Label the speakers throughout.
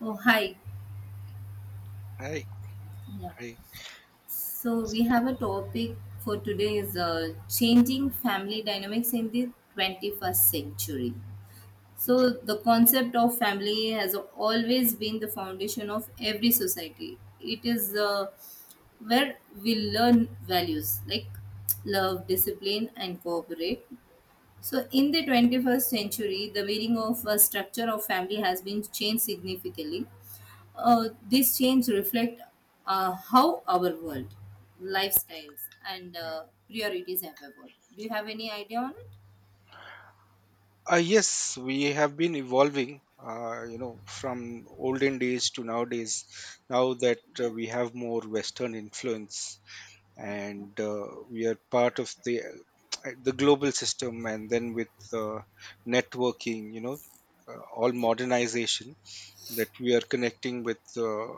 Speaker 1: Oh, hi.
Speaker 2: Hi,
Speaker 1: Yeah.
Speaker 2: hi.
Speaker 1: So we have a topic for today is changing family dynamics in the 21st century. So the concept of family has always been the foundation of every society. It is where we learn values like love, discipline, and cooperate. So, in the 21st century, the meaning of a structure of family has been changed significantly. These changes reflect how our world, lifestyles, and
Speaker 2: Yeah.
Speaker 1: priorities have evolved. Do you have any idea on it?
Speaker 2: Yes, we have been evolving, from olden days to nowadays. Now that
Speaker 1: Yeah.
Speaker 2: we have more Western influence,
Speaker 1: No?
Speaker 2: and we are part of the the global system, and then with networking, all
Speaker 1: Yeah.
Speaker 2: modernization that we are connecting with.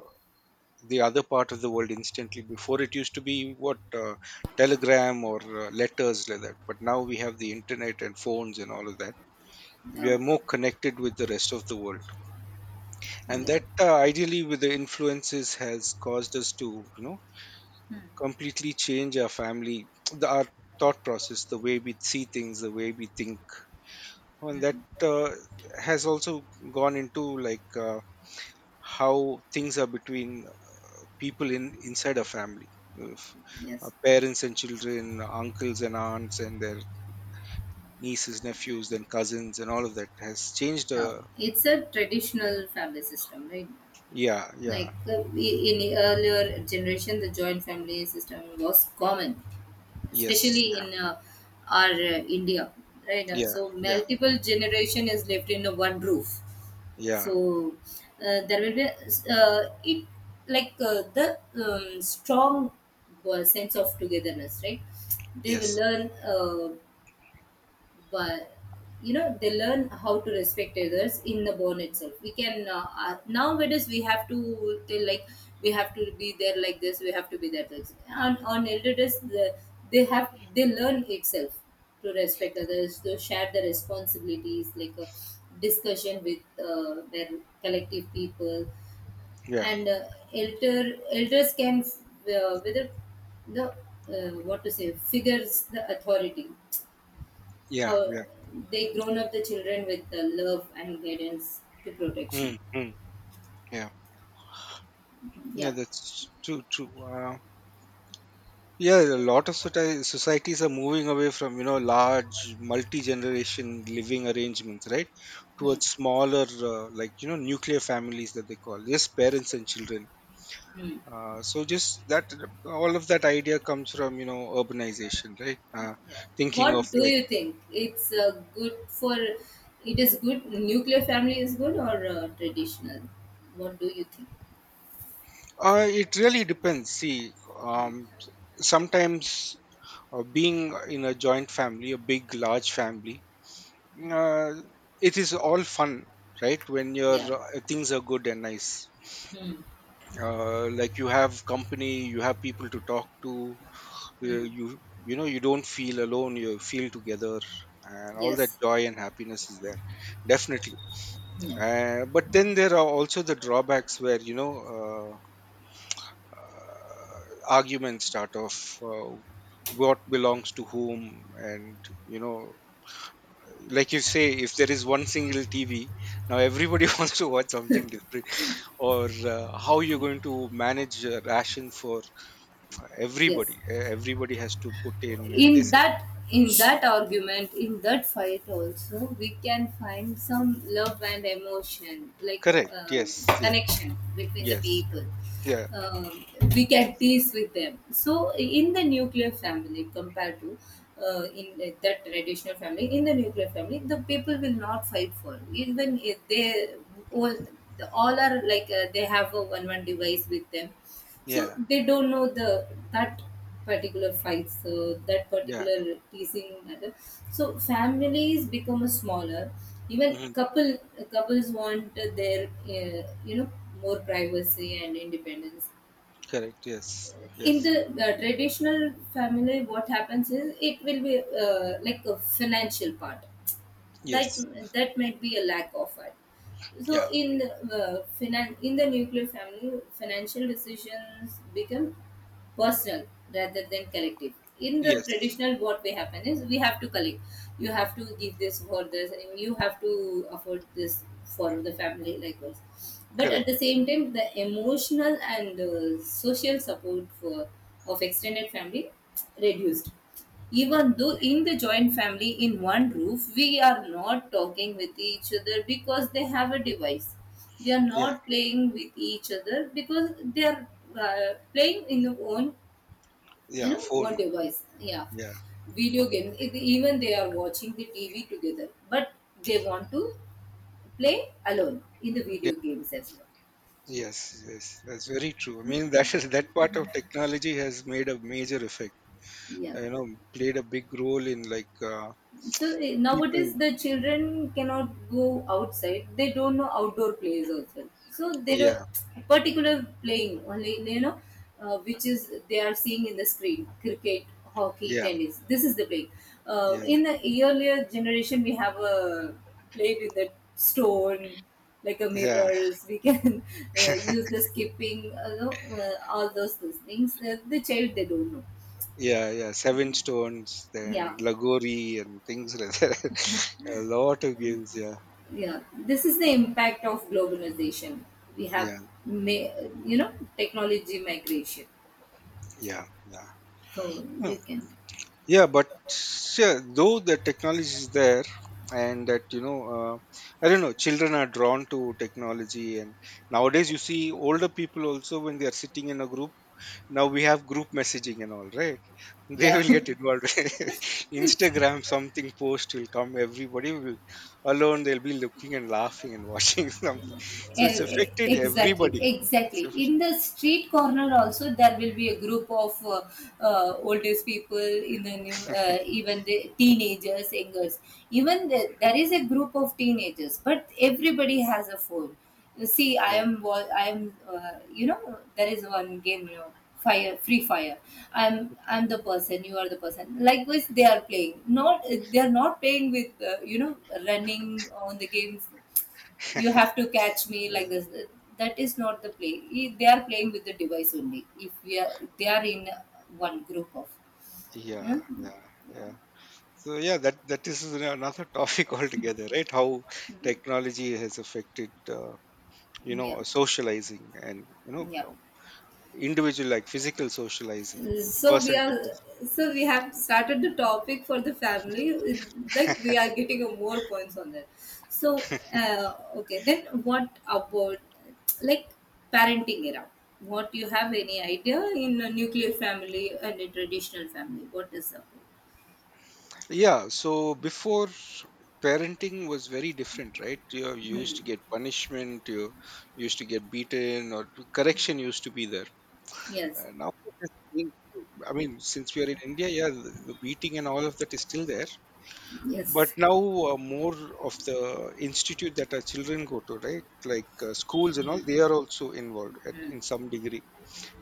Speaker 2: The other part of the world instantly before it used to be what telegram or letters like that, but now we have the internet and phones and all of that. We are
Speaker 1: Oh,
Speaker 2: more connected with the rest of the world, and
Speaker 1: yeah.
Speaker 2: that ideally with the influences has caused us to
Speaker 1: Hmm.
Speaker 2: completely change our our thought process, the way we see things, the way we think. And
Speaker 1: Hmm.
Speaker 2: that has also gone into how things are between people in inside a family of
Speaker 1: Yes.
Speaker 2: parents and children, uncles and aunts and their nieces, nephews, then cousins, and all of that has changed,
Speaker 1: Oh, it's a traditional family system, right?
Speaker 2: yeah, yeah.
Speaker 1: Like in the earlier generation, the joint family system was common,
Speaker 2: Yes.
Speaker 1: especially
Speaker 2: Yeah,
Speaker 1: in our India, right?
Speaker 2: yeah,
Speaker 1: So
Speaker 2: yeah,
Speaker 1: multiple generation is lived in one roof. So
Speaker 2: yeah.
Speaker 1: there will be it like the strong sense of togetherness, right? They will
Speaker 2: Yes.
Speaker 1: learn, but you know, they learn how to respect others in the bond itself. We can, nowadays, we have to tell like we have to be there like this, we have to be there like this. On elder days, the, they have, they learn itself to respect others, to share the responsibilities, like a discussion with their collective people,
Speaker 2: Yeah,
Speaker 1: and elders can, whether the, what to say, figures, the authority,
Speaker 2: yeah,
Speaker 1: how
Speaker 2: yeah.
Speaker 1: they grown up the children with the love and guidance to protection.
Speaker 2: Mm, mm, yeah, yeah,
Speaker 1: Yeah.
Speaker 2: that's true. Yeah, a lot of societies are moving away from, you know, large multi-generation living arrangements, right,
Speaker 1: Hmm.
Speaker 2: towards smaller like, you know, nuclear families that they call, just parents and children.
Speaker 1: Hmm.
Speaker 2: So just that, all of that idea comes from, you know, urbanization, right?
Speaker 1: Yeah.
Speaker 2: Thinking of
Speaker 1: What do you think? It's good for, it is good, nuclear family is good, or traditional? What do you think?
Speaker 2: it really depends, see.
Speaker 1: Hmm.
Speaker 2: um, Sometimes being in a joint family, a big large family,
Speaker 1: Hmm.
Speaker 2: uh, it is all fun, right, when your
Speaker 1: Yeah.
Speaker 2: things are good and nice.
Speaker 1: Hmm.
Speaker 2: Like, you have company, you have people to talk to. uh,
Speaker 1: Hmm.
Speaker 2: you you know, you don't feel alone, you feel together, and all that
Speaker 1: Yes.
Speaker 2: joy and happiness is there, definitely.
Speaker 1: Yeah.
Speaker 2: But then there are also the drawbacks where, you know, uh, arguments start off. What belongs to whom? And, you know, like you say, if there is one single tv, now everybody wants to watch something different. Or how you're going to manage ration for
Speaker 1: Yes.
Speaker 2: everybody. Everybody has to put in, and
Speaker 1: In
Speaker 2: this,
Speaker 1: that, in that argument, in that fight also we can find some love and emotion, like
Speaker 2: correct, yes, yes.
Speaker 1: connection between the
Speaker 2: Yes.
Speaker 1: people.
Speaker 2: Yeah,
Speaker 1: Um, we can tease with them. So in the nuclear family, compared to in that traditional family, in the nuclear family the people will not fight. For even if they all, all are like they have a one device with them, so
Speaker 2: yeah,
Speaker 1: they don't know the, that particular fights, so that
Speaker 2: yeah.
Speaker 1: particular teasing matter. So families become a smaller. Even
Speaker 2: Hmm.
Speaker 1: couples want their, you know, more privacy and independence.
Speaker 2: Correct, yes,
Speaker 1: In
Speaker 2: yes.
Speaker 1: the traditional family, what happens is it will be like a financial part, that,
Speaker 2: Yes.
Speaker 1: that might be a lack of it. So
Speaker 2: Yeah.
Speaker 1: in the, in the nuclear family financial decisions become personal rather than collective. In the
Speaker 2: Yes.
Speaker 1: traditional, what we happen is we have to collect, you have to give this for this and you have to afford this for the family, likewise. But at
Speaker 2: Correct.
Speaker 1: the same time, the emotional and social support for, of extended family reduced. Even though in the joint family, in one roof, we are not talking with each other because they have a device, they are
Speaker 2: Yeah,
Speaker 1: not playing with each other because they are, playing in their own, you
Speaker 2: yeah,
Speaker 1: know, one
Speaker 2: phone.
Speaker 1: device. Yeah,
Speaker 2: Yeah,
Speaker 1: video games. Even they are watching the tv together, but they want to play alone in the
Speaker 2: yeah,
Speaker 1: video games as
Speaker 2: yes, yes, that's very true. I mean, that is that part of technology has made a major effect.
Speaker 1: well. Yeah.
Speaker 2: You know, played a big role in
Speaker 1: So, nowadays
Speaker 2: people.
Speaker 1: the children cannot go outside. They don't know outdoor plays also. So they don't,
Speaker 2: Yeah,
Speaker 1: particular playing only, you know, which is they are seeing in the screen, cricket, hockey,
Speaker 2: yeah,
Speaker 1: tennis. This is the play.
Speaker 2: yeah,
Speaker 1: In the earlier generation, we have a played with the stone like a
Speaker 2: yeah,
Speaker 1: mirrors. We can use the skipping, you know, all those things. The child they don't know.
Speaker 2: yeah, yeah. Seven Stones,
Speaker 1: Yeah,
Speaker 2: then Lagori, and things like that. A lot of games. Yeah,
Speaker 1: yeah, this is the impact of globalization. We have
Speaker 2: yeah,
Speaker 1: ma- you know, technology, migration,
Speaker 2: yeah, yeah.
Speaker 1: so
Speaker 2: Hmm.
Speaker 1: you can,
Speaker 2: Yeah, but yeah, though the technology is there, and that, you know, I don't know, children are drawn to technology, and nowadays you see older people also when they are sitting in a group. Now we have group messaging and all, right? They
Speaker 1: yeah.
Speaker 2: will get involved. Instagram, something post will come. Everybody will alone. They'll be looking and laughing and watching something. So
Speaker 1: E-
Speaker 2: it's affected
Speaker 1: exactly,
Speaker 2: everybody. It's
Speaker 1: exactly.
Speaker 2: aff-
Speaker 1: In the street corner also, there will be a group of oldest people, in the new, even the teenagers, youngers, even the, there is a group of teenagers but everybody has a phone. You see,
Speaker 2: right.
Speaker 1: I am, you know, there is one game, you know, fire, free fire. i'm
Speaker 2: Yeah.
Speaker 1: i'm the person, you are the person, likewise they are playing, not, they are not playing with, you know, running on the games, you have to catch me like
Speaker 2: Yeah.
Speaker 1: this, that is not the play. They are playing with the device only. If we are, they are in one group of, yeah,
Speaker 2: Yeah. Yeah. So yeah, that that is another topic altogether, right? How technology has affected, you
Speaker 1: yeah,
Speaker 2: know, socializing and, you know,
Speaker 1: yeah.
Speaker 2: individual like physical socializing,
Speaker 1: So we
Speaker 2: person
Speaker 1: are,
Speaker 2: to person.
Speaker 1: so we have started the topic for the family. It- like we are getting more points on that. So okay, then what about like parenting era? What, you have any idea? In a nuclear family and a traditional family, what is up?
Speaker 2: Yeah. So before, parenting was very different, right? You used
Speaker 1: Hmm.
Speaker 2: to get punishment, you used to get beaten, or correction used to be there.
Speaker 1: Yes.
Speaker 2: Now, it has changed. I mean, since we are in India, yeah, the beating and all of that is still there, but
Speaker 1: Yes.
Speaker 2: now more of the institute that our children go to, right, like schools and all, they are also involved at,
Speaker 1: Mm.
Speaker 2: in some degree,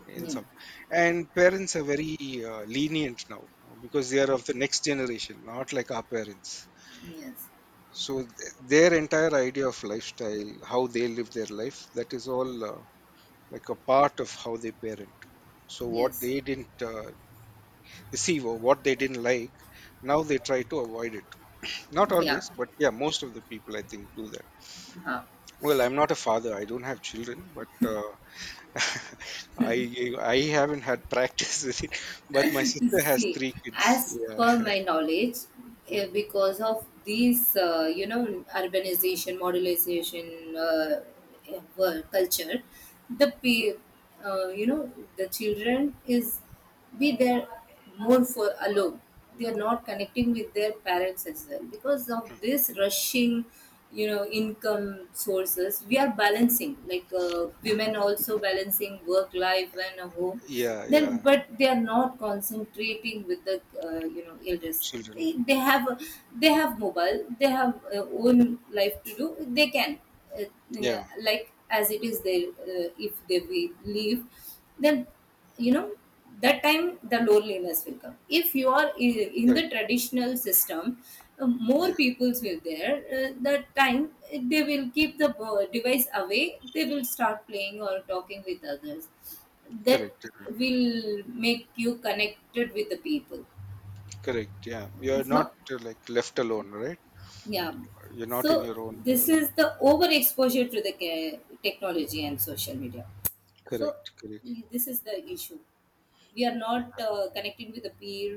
Speaker 2: in
Speaker 1: Yeah.
Speaker 2: some. And parents are very lenient now because they are of the next generation, not like our parents.
Speaker 1: Yes.
Speaker 2: so th- their entire idea of lifestyle, how they live their life, that is all like a part of how they parent. So what
Speaker 1: Yes.
Speaker 2: they didn't receive or what they didn't like, now they try to avoid it. Not
Speaker 1: Yeah.
Speaker 2: always, but yeah, most of the people I think do that.
Speaker 1: Uh-huh.
Speaker 2: Well, I'm not a father. I don't have children, but I haven't had practice with it. But my sister has
Speaker 1: See,
Speaker 2: three
Speaker 1: as
Speaker 2: kids. Yeah,
Speaker 1: per my knowledge,
Speaker 2: yeah,
Speaker 1: because of these, you know, urbanization, modernization, world culture, the you know, the children is be there more for alone, they are not connecting with their parents as well because of this rushing, you know, income sources. We are balancing, like women also balancing work life and a home,
Speaker 2: yeah,
Speaker 1: then,
Speaker 2: yeah.
Speaker 1: but they are not concentrating with the, you know, elders. They,
Speaker 2: Children.
Speaker 1: they have mobile, they have own life to do. They can,
Speaker 2: Yeah,
Speaker 1: like as it is there, if they will leave, then, you know, that time the loneliness will come. If you are in the
Speaker 2: correct.
Speaker 1: traditional system, more
Speaker 2: Yeah,
Speaker 1: peoples will there. That time, they will keep the device away, they will start playing or talking with others, that
Speaker 2: correct. Yeah,
Speaker 1: will make you connected with the people.
Speaker 2: correct. Yeah, you're
Speaker 1: So
Speaker 2: not like left alone, right?
Speaker 1: yeah,
Speaker 2: You're
Speaker 1: so
Speaker 2: not in your own
Speaker 1: this
Speaker 2: world.
Speaker 1: is the overexposure to the technology and social media. So
Speaker 2: Correct. Correct.
Speaker 1: this is the issue. We are not connecting with a peer.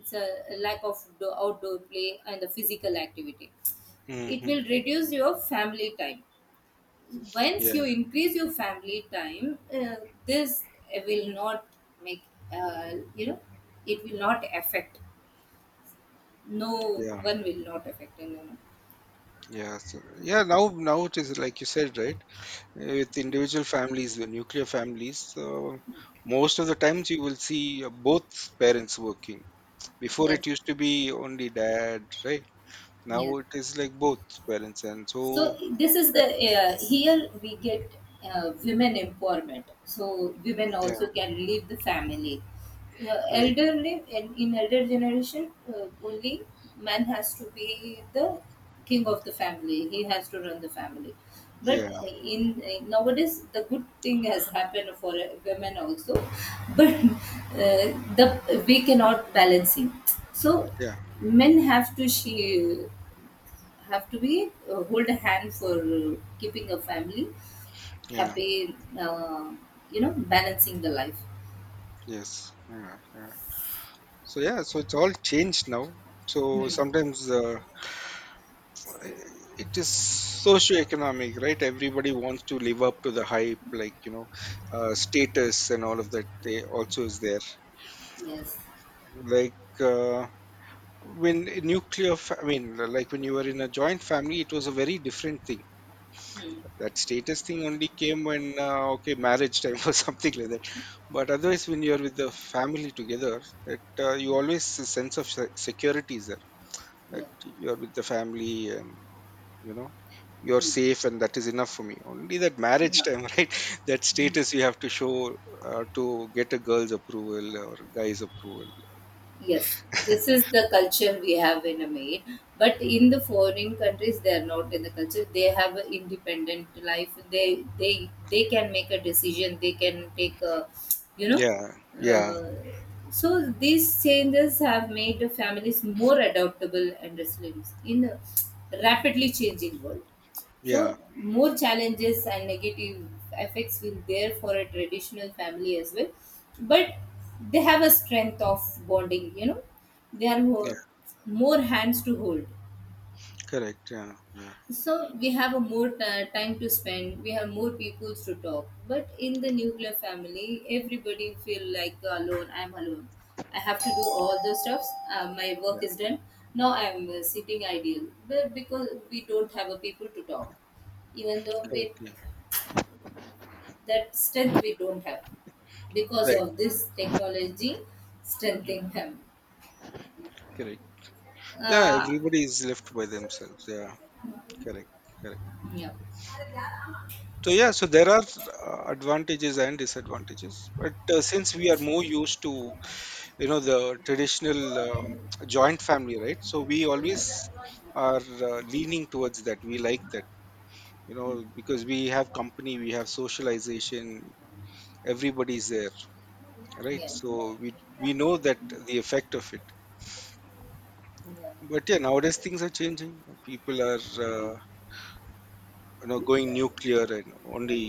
Speaker 1: It's a lack of outdoor play and the physical activity. It
Speaker 2: Hmm.
Speaker 1: will reduce your family time. Once
Speaker 2: Yeah,
Speaker 1: you increase your family time, this will not make, you know, it will not affect. No
Speaker 2: yeah,
Speaker 1: one will not affect anyone.
Speaker 2: yeah. So, yeah, now it is like you said, right? With individual families, the nuclear families, so most of the times you will see both parents working. Before it
Speaker 1: Yes,
Speaker 2: used to be only dad, right? Now
Speaker 1: yes.
Speaker 2: it is like both parents, and so
Speaker 1: So this is the,
Speaker 2: like,
Speaker 1: here we get, women empowerment, so women
Speaker 2: yeah,
Speaker 1: also can leave the family, the
Speaker 2: right,
Speaker 1: elderly, in elder generation, only man has to be the king of the family, he has to run the family. But
Speaker 2: yeah,
Speaker 1: in nowadays the good thing has happened for women also, but uh, the, we cannot balance it. So
Speaker 2: yeah,
Speaker 1: men have to, she have to be, hold a hand for keeping a family
Speaker 2: yeah,
Speaker 1: happy, you know, balancing the life.
Speaker 2: yes, yeah, yeah. So yeah, so it's all changed now. So sometimes it is socio-economic, right? Everybody wants to live up to the hype, like, you know, status and all of that. They also is there.
Speaker 1: Yes.
Speaker 2: Like when I mean, like, when you were in a joint family, it was a very different thing.
Speaker 1: Hmm.
Speaker 2: That status thing only came when, okay, marriage time or something like that. But otherwise, when you're with the family together, that you always a sense of security is there,
Speaker 1: Yeah.
Speaker 2: that you're with the family, and, you know, you're
Speaker 1: Hmm.
Speaker 2: safe, and that is enough for me. Only that marriage
Speaker 1: Yeah.
Speaker 2: time, right, that
Speaker 1: Hmm.
Speaker 2: status you have to show to get a girl's approval or guy's approval.
Speaker 1: Yes, this is the culture we have in a maid. But in the foreign countries, they are not in the culture. They have an independent life. They can make a decision. They can take a, you know.
Speaker 2: Yeah, yeah,
Speaker 1: Uh, so these changes have made the families more adaptable and resilient in a rapidly changing world.
Speaker 2: yeah,
Speaker 1: So, more challenges and negative effects will there for a traditional family as well. But they have a strength of bonding, you know, they are
Speaker 2: yeah.
Speaker 1: more, more hands to hold.
Speaker 2: Correct. Yeah. Yeah.
Speaker 1: So, we have a more time to spend, we have more people to talk. But in the nuclear family, everybody feel like alone, I'm alone. I have to do all the stuffs. My work is
Speaker 2: Yeah.
Speaker 1: done. Now I'm sitting idle, but because we don't have a people to talk, even though we,
Speaker 2: Correct. Yeah.
Speaker 1: that strength we don't have, because
Speaker 2: Right.
Speaker 1: of this technology
Speaker 2: Mm.
Speaker 1: strengthening him.
Speaker 2: Correct. Yeah.
Speaker 1: Uh,
Speaker 2: Everybody is left by themselves. Yeah. Correct. Correct.
Speaker 1: yeah,
Speaker 2: So yeah. So there are advantages and disadvantages. But since we are more used to, you know, the traditional joint family, right? So we always
Speaker 1: yeah,
Speaker 2: are leaning towards that. We like that. You know, because we have company, we have socialization. Everybody's there, right?
Speaker 1: yeah, yeah.
Speaker 2: So we know that the effect of it. But yeah, nowadays things are changing. People are
Speaker 1: Mhm.
Speaker 2: you know, going nuclear, and only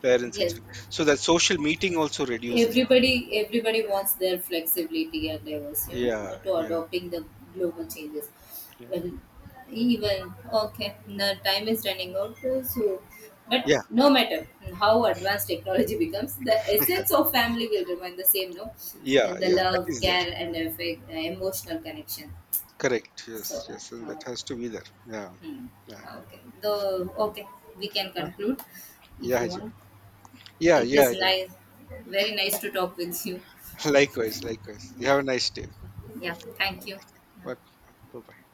Speaker 2: parents and
Speaker 1: Yes.
Speaker 2: so that social meeting also reduces.
Speaker 1: Everybody, everybody wants their flexibility and diverse, you know,
Speaker 2: Yeah,
Speaker 1: to
Speaker 2: yeah,
Speaker 1: adopting the global changes.
Speaker 2: yeah,
Speaker 1: Well, even okay, the time is running out, so, but
Speaker 2: yeah,
Speaker 1: no matter how advanced technology becomes, the essence of family will remain the same, no,
Speaker 2: yeah,
Speaker 1: and the
Speaker 2: yeah. That
Speaker 1: love,
Speaker 2: is there.
Speaker 1: care and affect, emotional connection.
Speaker 2: Correct.
Speaker 1: So
Speaker 2: Yes, yes, and
Speaker 1: uh,
Speaker 2: that has to be there. Yeah,
Speaker 1: hmm,
Speaker 2: yeah,
Speaker 1: okay, the, okay, we can
Speaker 2: ah,
Speaker 1: conclude if
Speaker 2: yeah,
Speaker 1: you
Speaker 2: Haji.
Speaker 1: want.
Speaker 2: Yeah,
Speaker 1: It is
Speaker 2: yeah, yeah.
Speaker 1: nice, very nice to talk with you.
Speaker 2: Likewise, likewise. You
Speaker 1: Yeah.
Speaker 2: have a nice day.
Speaker 1: Yeah, thank you.
Speaker 2: Okay.
Speaker 1: Yeah.
Speaker 2: Welcome. Bye bye.